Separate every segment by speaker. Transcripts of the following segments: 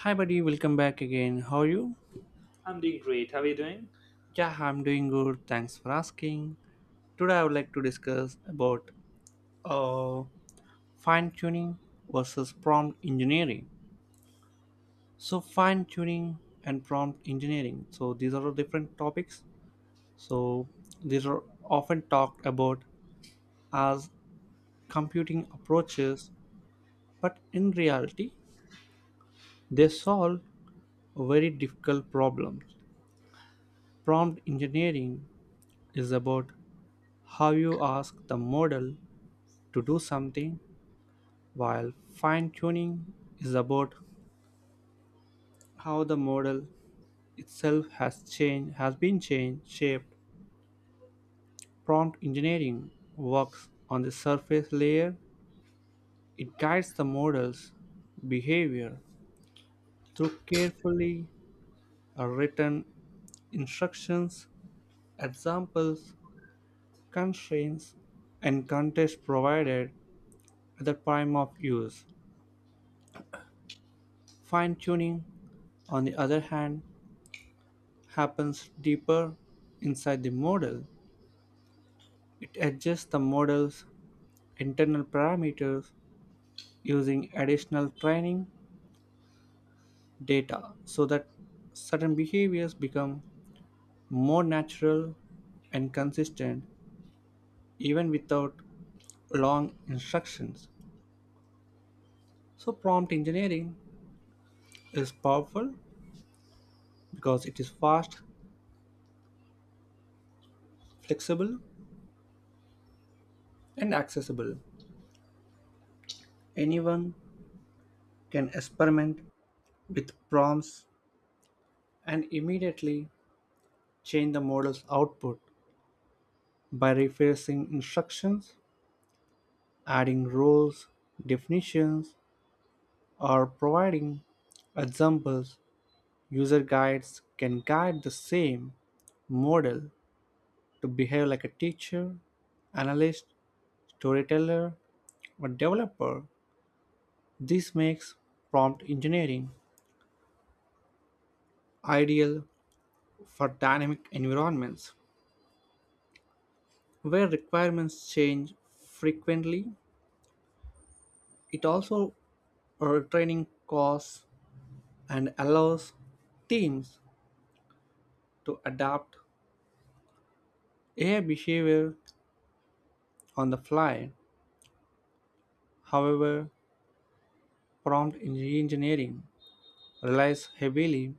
Speaker 1: Hi, buddy, welcome back again. How are you?
Speaker 2: I'm doing great. How are you doing?
Speaker 1: Yeah, I'm doing good. Thanks for asking. Today, I would like to discuss about uh, fine tuning versus prompt engineering. So, fine tuning and prompt engineering. So, These are all different topics. So, these are often talked about as computing approaches, but in reality, they solve very difficult problems. Prompt engineering is about how you ask the model to do something, while fine tuning is about how the model itself has been changed, shaped. Prompt engineering works on the surface layer. It guides the model's behavior through carefully written instructions, examples, constraints, and context provided at the time of use. Fine tuning, on the other hand, happens deeper inside the model. It adjusts the model's internal parameters using additional training data so that certain behaviors become more natural and consistent even without long instructions. So, prompt engineering is powerful because it is fast, flexible, and accessible. Anyone can experiment with prompts and immediately change the model's output by rephrasing instructions, adding roles, definitions, or providing examples. User guides can guide the same model to behave like a teacher, analyst, storyteller, or developer. This makes prompt engineering ideal for dynamic environments where requirements change frequently. It also training costs and allows teams to adapt AI behavior on the fly. However, prompt engineering relies heavily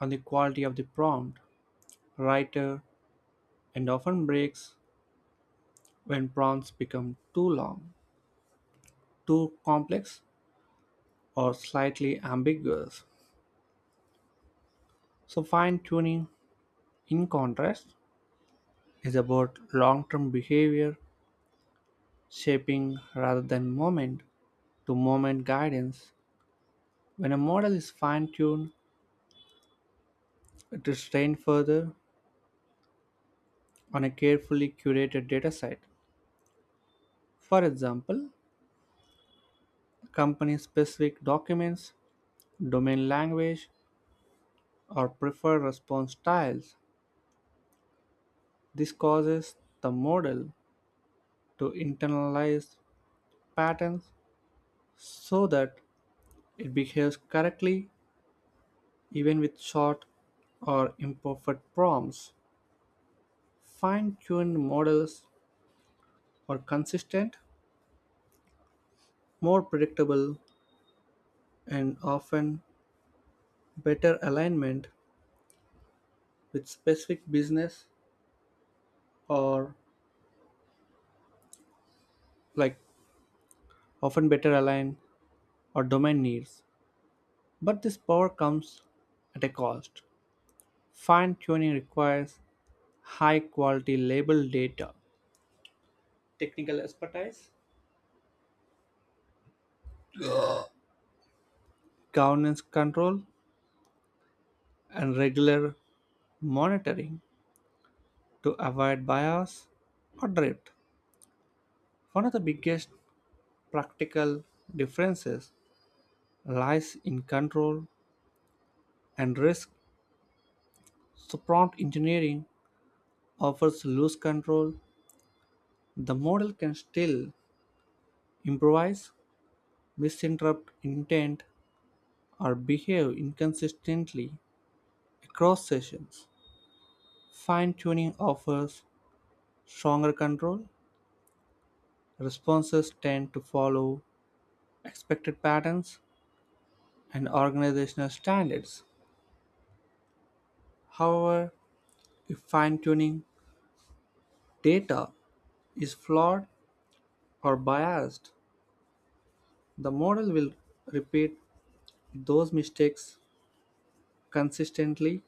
Speaker 1: on the quality of the prompt writer and often breaks when prompts become too long, too complex, or slightly ambiguous. So, fine tuning, in contrast, is about long term behavior shaping rather than moment to moment guidance. When a model is fine tuned, it is trained further on a carefully curated dataset. For example, company specific documents, domain language, or preferred response styles. This causes the model to internalize patterns so that it behaves correctly even with short or imperfect prompts. Fine tuned models are consistent, more predictable, and often better alignment with specific business or like often better align or domain needs, but this power comes at a cost. Fine tuning requires high quality label data, technical expertise, governance control, and regular monitoring to avoid bias or drift. One of the biggest practical differences lies in control and risk. So, prompt engineering offers loose control, the model can still improvise, misinterpret intent, or behave inconsistently across sessions. Fine tuning offers stronger control. Responses tend to follow expected patterns and organizational standards. However, if fine tuning data is flawed or biased, the model will repeat those mistakes consistently,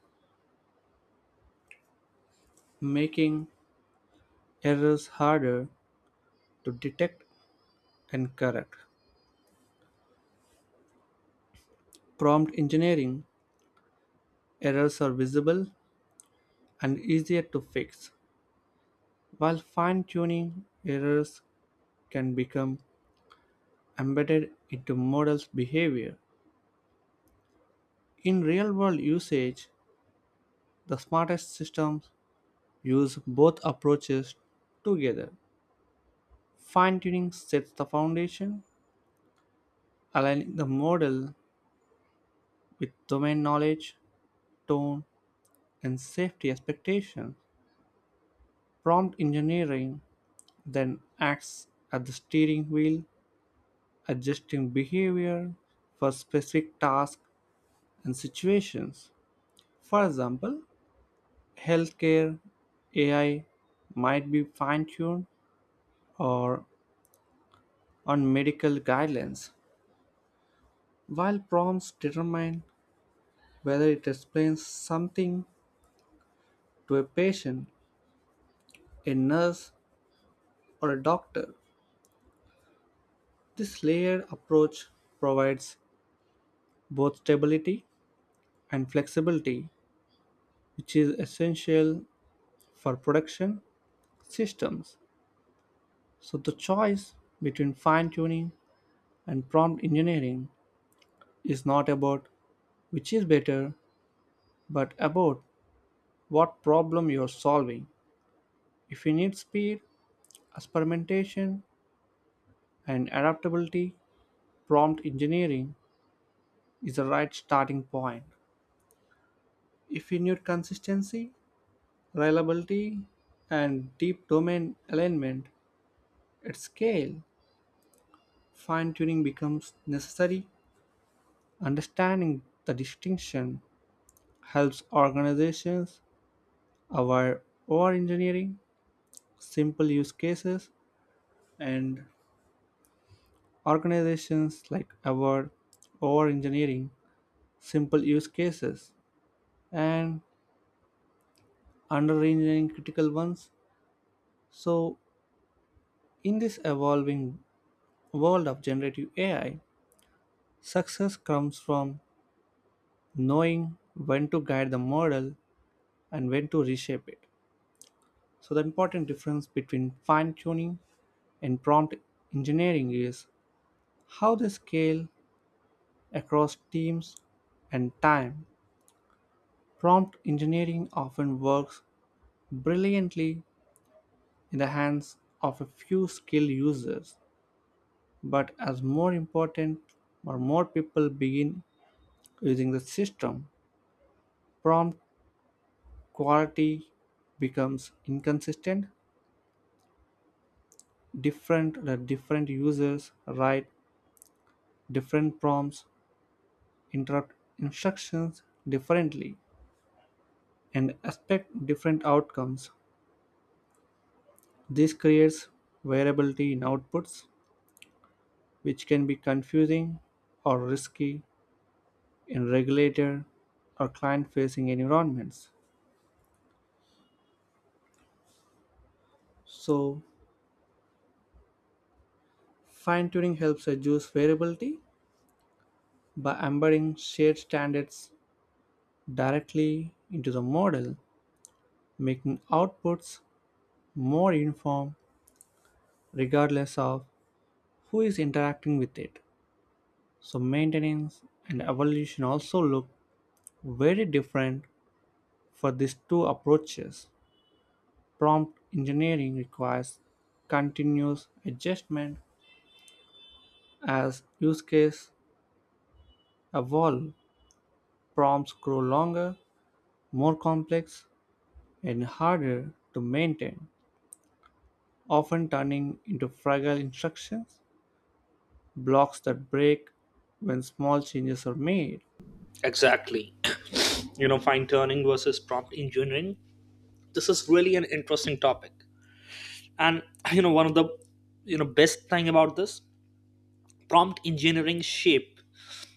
Speaker 1: making errors harder to detect and correct. Prompt engineering errors are visible and easier to fix, while fine tuning errors can become embedded into models' behavior. In real world usage, the smartest systems use both approaches together. Fine tuning sets the foundation, aligning the model with domain knowledge, tone, and safety expectations. Prompt engineering then acts at the steering wheel, adjusting behavior for specific tasks and situations. For example, healthcare AI might be fine tuned or on medical guidelines, while prompts determine whether it explains something to a patient, a nurse, or a doctor. This layered approach provides both stability and flexibility, which is essential for production systems. So, the choice between fine tuning and prompt engineering is not about which is better, but about what problem you are solving. If you need speed, experimentation, and adaptability, prompt engineering is the right starting point. If you need consistency, reliability, and deep domain alignment at scale, fine tuning becomes necessary. Understanding the distinction helps organizations avoid over-engineering simple use cases, and organizations like avoid over-engineering simple use cases and under-engineering critical ones. So, in this evolving world of generative AI, success comes from knowing when to guide the model and when to reshape it. So, the important difference between fine tuning and prompt engineering is how they scale across teams and time. Prompt engineering often works brilliantly in the hands of a few skilled users, but as more important or more people begin using the system, prompt quality becomes inconsistent. Different the different users write different prompts, interrupt instructions differently, and expect different outcomes. This creates variability in outputs, which can be confusing or risky in regulated or client facing environments. So, fine tuning helps reduce variability by embedding shared standards directly into the model, making outputs more uniform regardless of who is interacting with it. So, maintenance and evolution also look very different. For these two approaches, prompt engineering requires continuous adjustment as use cases evolve. Prompts grow longer, more complex, and harder to maintain, often turning into fragile instructions, blocks that break when small changes are made.
Speaker 2: Exactly. Fine tuning versus prompt engineering. This is really an interesting topic. And one of the best thing about this prompt engineering shape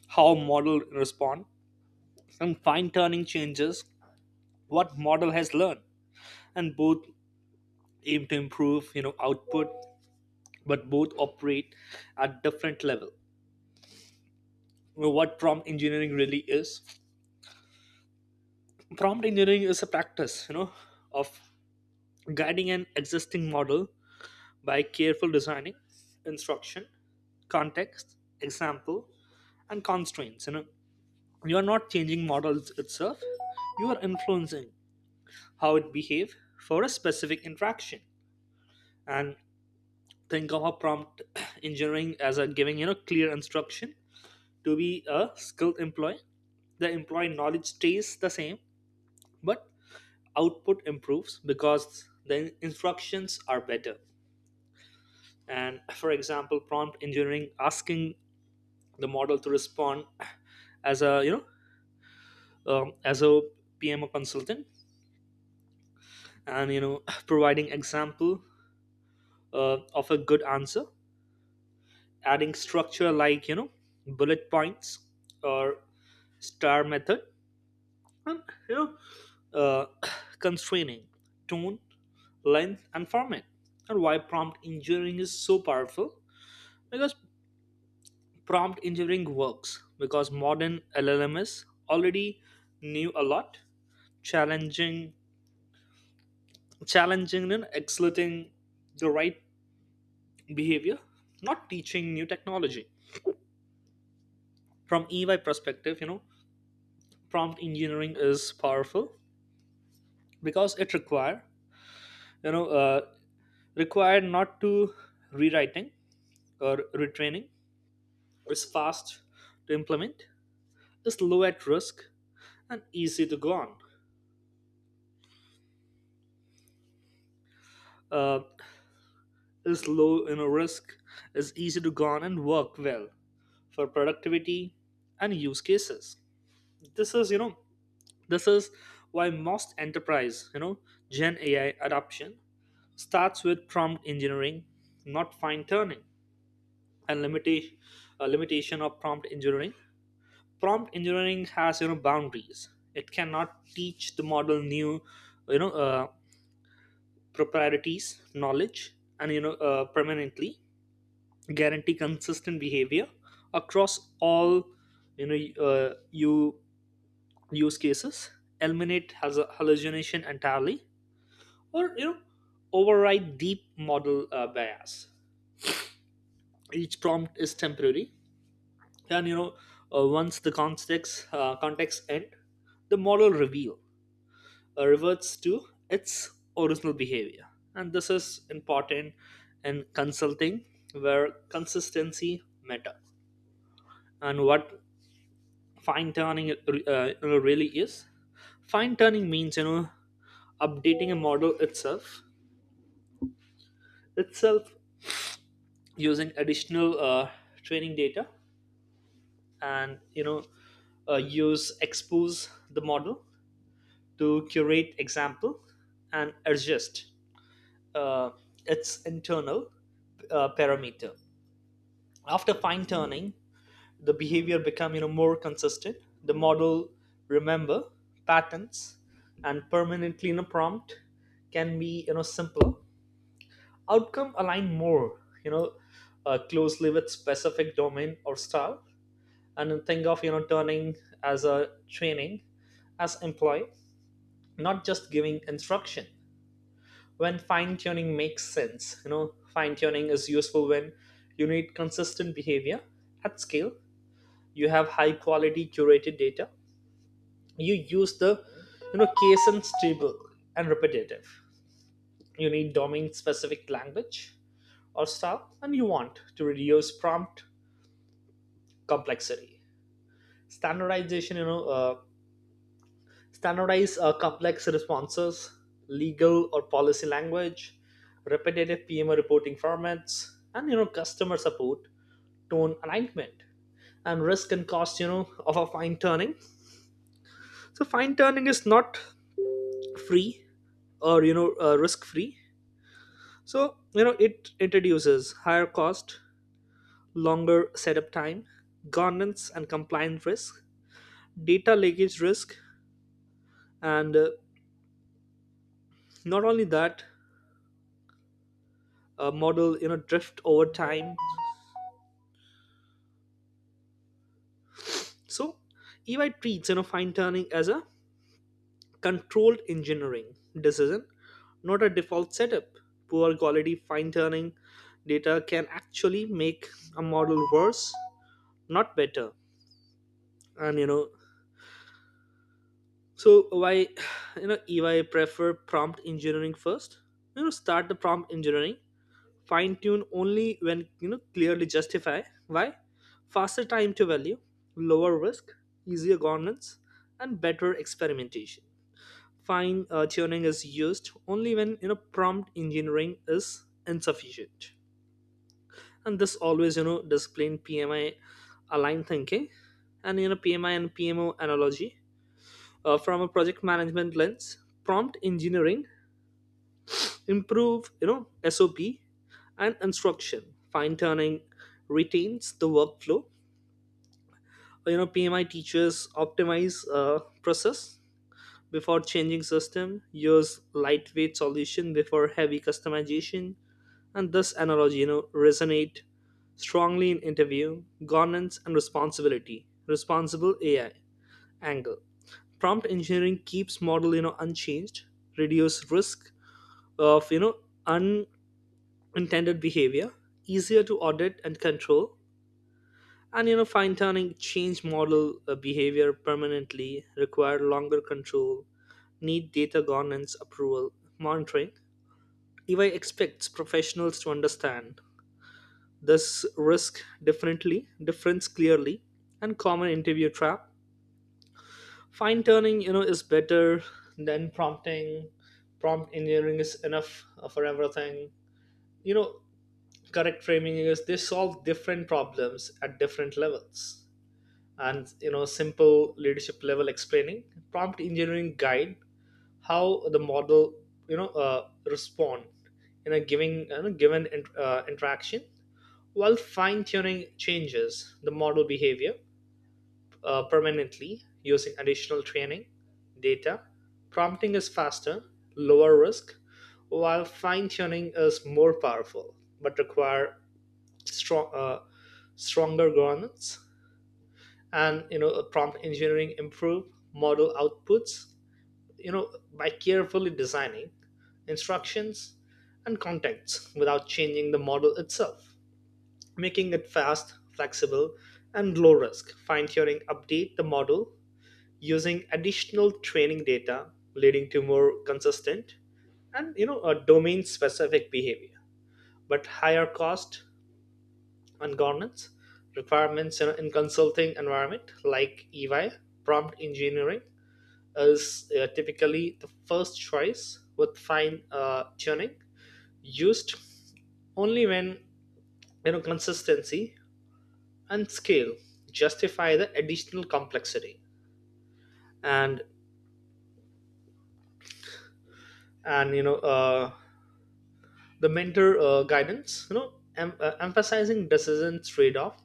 Speaker 2: how model respond, and fine tuning changes what model has learned, and both aim to improve output, but both operate at different level. What prompt engineering really is, prompt engineering is a practice, of guiding an existing model by careful designing instruction, context, example, and constraints. You are not changing models itself, you are influencing how it behave for a specific interaction. And think of a prompt engineering as a giving clear instruction to be a skilled employee. The employee knowledge stays the same, but output improves because the instructions are better. And for example, prompt engineering asking the model to respond as a as a pmo consultant, and providing example of a good answer, adding structure like bullet points or star method, and you know uh, constraining tone, length, and format. And why prompt engineering is so powerful, because prompt engineering works because modern LLMs already knew a lot, challenging, challenging and exerting the right behavior, not teaching new technology. From EY perspective, prompt engineering is powerful because it you know, uh, required not to rewriting or retraining. It's fast to implement, is low at risk, and easy to go on. Uh, is low in risk, is easy to garner and work well for productivity and use cases. This is, you know, this is why most enterprise, Gen AI adoption starts with prompt engineering, not fine tuning. And limitation of prompt engineering. Prompt engineering has boundaries. It cannot teach the model new, you know, uh, proprieties, knowledge, and permanently guarantee consistent behavior across all you know you use cases, eliminate has hallucination entirely, or override deep model bias. Each prompt is temporary, and once the context end, the model reveal reverts to its original behavior, and this is important in consulting where consistency matter. And what fine tuning really is, fine tuning means updating a model itself using additional training data, and use expose the model to curate example and adjust uh, its internal parameter. After fine tuning, the behavior become more consistent, the model remember patterns and permanently in a prompt can be simpler, outcome align more closely with specific domain or style. And then think of turning as a training as employee, not just giving instruction. When fine tuning makes sense, fine tuning is useful when you need consistent behavior at scale, you have high quality curated data, you use the case and stable and repetitive, you need domain specific language or style, and you want to reduce prompt complexity, standardization, standardize complex responses, legal or policy language, repetitive pmo reporting formats, and customer support tone alignment. And risk and cost of a fine tuning, so fine tuning is not free or risk free. So, it introduces higher cost, longer setup time, governance and compliance risk, data leakage risk, and not only that, a model, drift over time. So, EY treats, fine tuning as a controlled engineering decision, not a default setup. Poor quality fine tuning data can actually make a model worse, not better. And, you know, So why EY prefer prompt engineering first? You know, start the prompt engineering, fine tune only when clearly justify. Why? Faster time to value, lower risk, easier governance, and better experimentation. Fine tuning is used only when prompt engineering is insufficient, and this always discipline PMI aligned thinking. And PMI and PMO analogy, from a project management lens, prompt engineering improve sop and instruction, fine tuning retains the workflow. Pmi teachers optimize process before changing system, use lightweight solution before heavy customization. And this analogy resonate strongly in interview governance and responsibility, responsible ai angle. Prompt engineering keeps model unchanged, reduce risk of unintended behavior, easier to audit and control. And fine tuning change model behavior permanently, require longer control, need data governance approval, monitoring. EY expects professionals to understand this risk differently difference clearly. And common interview trap, fine tuning is better than prompting, prompt engineering is enough for everything. you know Correct framing is, they solve different problems at different levels. And simple leadership level explaining, prompt engineering guide how the model respond in a giving given interaction, while fine tuning changes the model behavior permanently using additional training data. Prompting is faster, lower risk, while fine tuning is more powerful but require strong, uh, stronger governance. And you know, prompt engineering improve model outputs. You know, by carefully designing instructions and contexts without changing the model itself, making it fast, flexible, and low risk. Fine tuning update the model using additional training data, leading to more consistent and a domain specific behavior, but higher cost and governance requirements. In in consulting environment like ey, prompt engineering is typically the first choice, with fine tuning used only when consistency and scale justify the additional complexity. And and the mentor guidance, emphasizing decisions trade-off,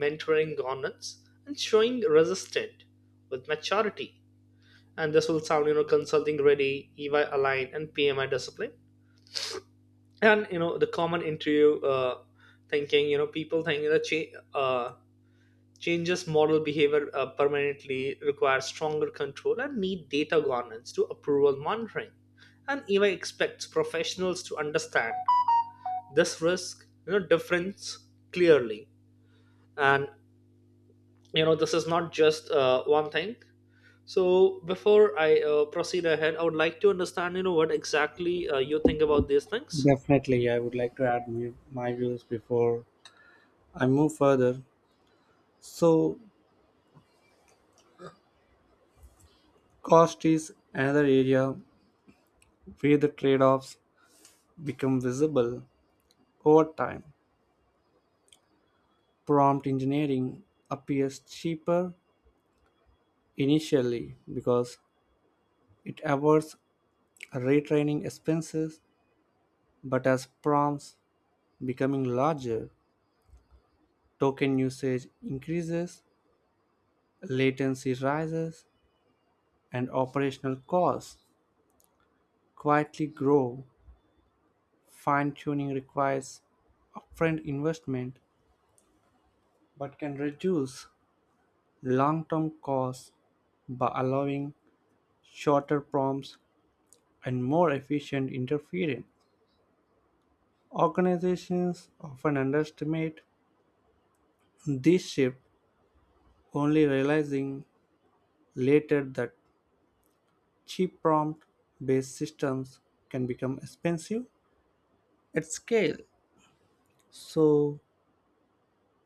Speaker 2: mentoring, governance, and showing resistance with maturity. And this will sound consulting ready, ey aligned, and pmi discipline. And the common interview thinking, people think that uh, changes model behavior permanently requires stronger control and need data governance to approval monitoring, and ey expects professionals to understand this risk difference clearly. And this is not just one thing. So before I proceed ahead, I would like to understand what exactly you think about these things.
Speaker 1: Definitely, I would like to add my views before I move further. So, cost is another area where the trade offs become visible over time. Prompt engineering appears cheaper initially because it avoids retraining expenses, but as prompts becoming larger, token usage increases, latency rises, and operational costs quietly grow. Fine tuning requires upfront investment but can reduce long term costs by allowing shorter prompts and more efficient interference. Organizations often underestimate this shift, only realizing later that cheap prompt based systems can become expensive at scale. So,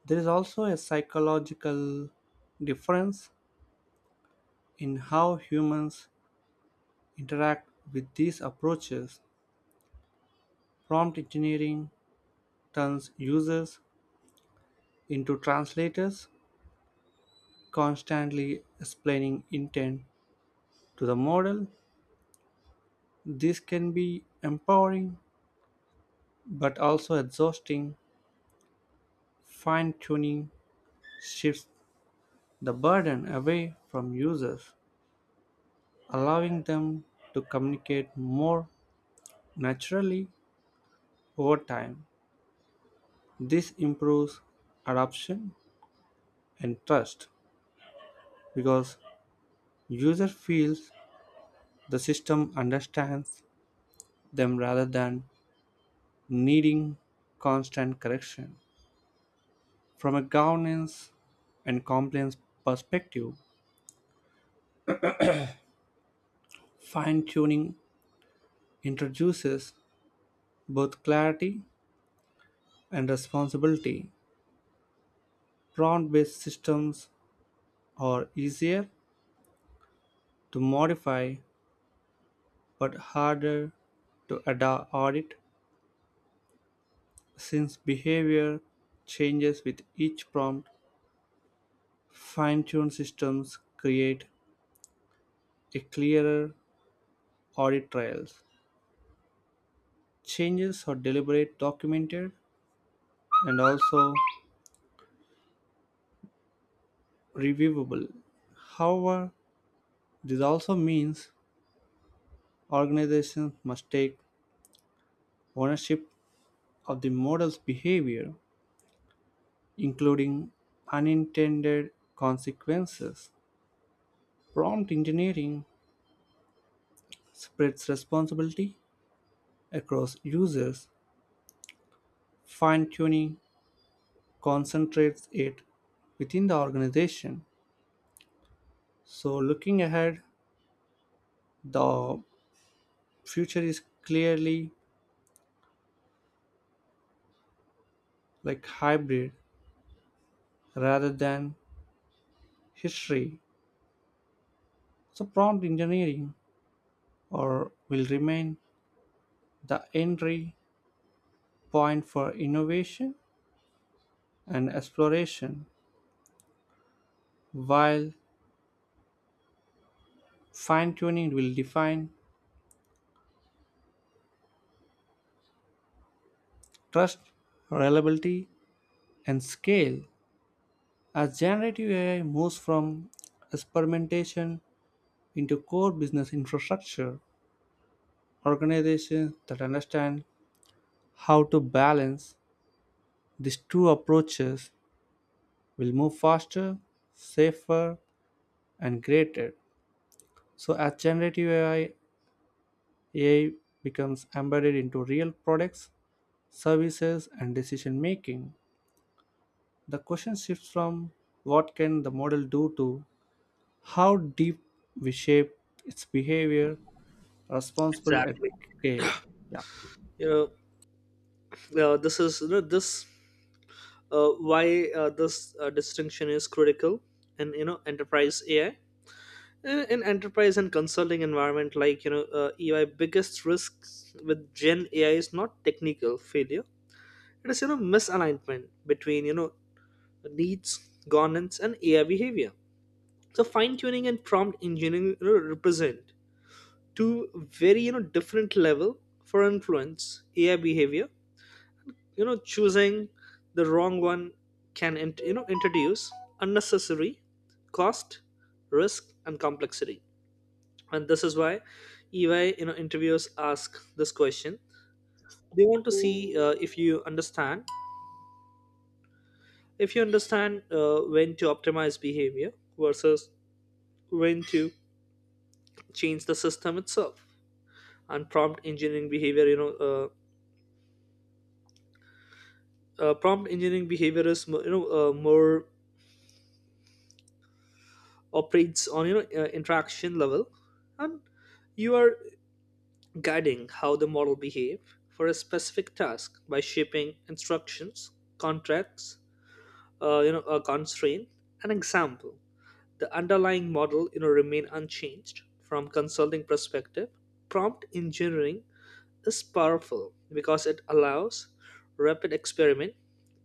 Speaker 1: there is also a psychological difference in how humans interact with these approaches. Prompt engineering turns users into translators, constantly explaining intent to the model. This can be empowering but also exhausting. Fine tuning shifts the burden away from users, allowing them to communicate more naturally over time. This improves adoption and trust because user feels the system understands them rather than needing constant correction. From a governance and compliance perspective, fine-tuning introduces both clarity and responsibility. Prompt-based systems are easier to modify but harder to audit since behavior changes with each prompt. Fine-tuned systems create a clearer audit trails. Changes are deliberate, documented, and also reviewable. However, this also means organizations must take ownership of the model's behavior, including unintended consequences. Prompt engineering spreads responsibility across users, fine tuning concentrates it within the organization. So, looking ahead, the future is clearly like hybrid rather than history. So, prompt engineering or will remain the entry point for innovation and exploration, while fine tuning will define trust, reliability, and scale. As generative AI moves from experimentation into core business infrastructure, organizations that understand how to balance these two approaches will move faster, safer, and greater. So, as generative AI becomes embedded into real products, services, and decision making. The question shifts from what can the model do to how deep we shape its behavior responsible at
Speaker 2: Exactly.
Speaker 1: scale. Yeah.
Speaker 2: you know this is you know this why this distinction is critical in enterprise ai. In in enterprise and consulting environment like ei, biggest risks with gen ai is not technical failure, it is misalignment between needs, governance, and AI behavior. So fine tuning and prompt engineering, represent two very different level for influence AI behavior. You know, choosing the wrong one can introduce unnecessary cost, risk, and complexity. And this is why EY, interviewers ask this question. They want to see if you understand when to optimize behavior versus when to change the system itself. And prompt engineering behavior is more, operates on interaction level. And you are guiding how the model behave for a specific task by shaping instructions, contracts, a constraint, an example. The underlying model remain unchanged. From consulting perspective, prompt engineering is powerful because it allows rapid experiment.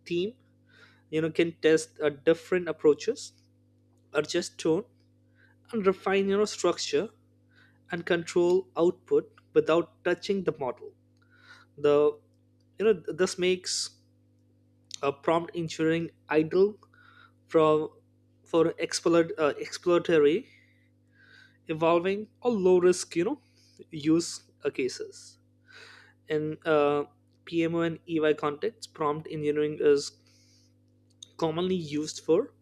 Speaker 2: Team can test different approaches, adjust tone, and refine structure, and control output without touching the model. The you know th- This makes a prompt engineering idle from, for exploratory, evolving, or low risk, use cases. In PMO and EY contexts, prompt engineering is commonly used for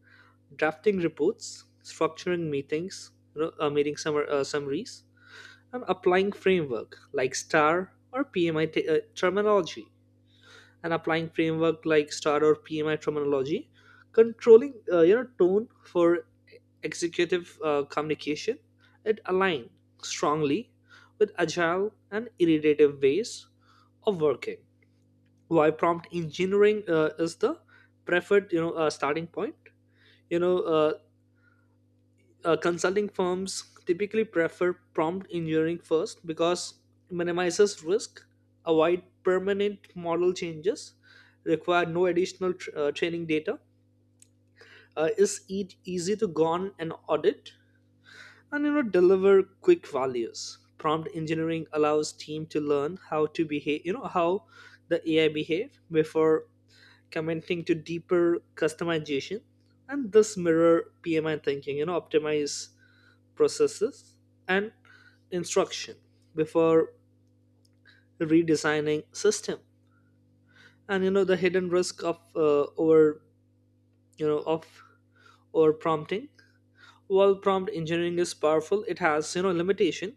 Speaker 2: drafting reports, structuring meetings, meeting summaries, and applying framework like STAR or PMI terminology. And applying framework like STAR or PMI terminology, controlling tone for executive communication, it align strongly with agile and iterative ways of working. Why prompt engineering is the preferred you know starting point you know uh, consulting firms typically prefer prompt engineering first because it minimizes risk, avoid permanent model changes, require no additional training data, is easy to gone and audit, and deliver quick values. Prompt engineering allows team to learn how to behave, how the ai behave before committing to deeper customization. And this mirror pmi thinking, optimize processes and instruction before redesigning system. And the hidden risk of over you know of over prompting. While prompt engineering is powerful, it has limitation.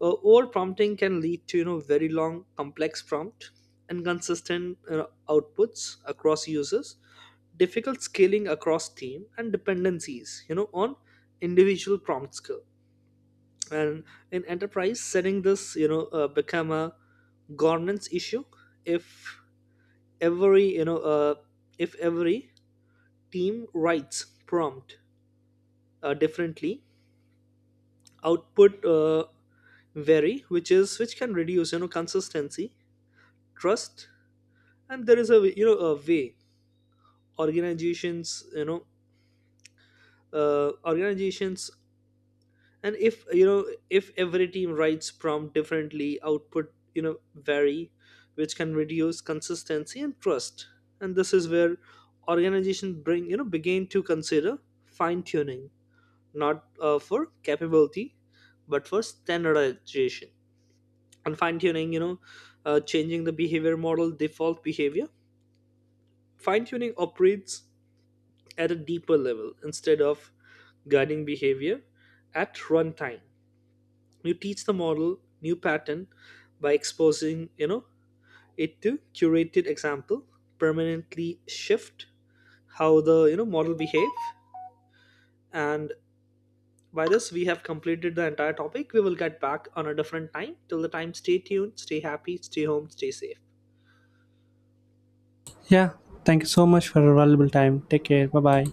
Speaker 2: Over prompting can lead to very long complex prompt, inconsistent outputs across users, difficult scaling across team, and dependencies on individual prompt skill. And in enterprise setting, this become a governance issue. if every you know uh, if every team writes prompt differently, output vary, which can reduce consistency, trust. And there is a a way organizations, organizations, and if if every team writes prompt differently, output vary, which can reduce consistency and trust. And this is where organization bring you know begin to consider fine tuning, not for capability but for standardization. And fine tuning, changing the behavior model default behavior, fine tuning operates at a deeper level. Instead of guiding behavior at runtime, you teach the model new pattern by exposing it to curated example, permanently shift how the model behave. And by this we have completed the entire topic. We will get back on a different time. Till the time, stay tuned, stay happy, stay home, stay safe.
Speaker 1: Yeah. Thank you so much for your valuable time. Take care. Bye bye.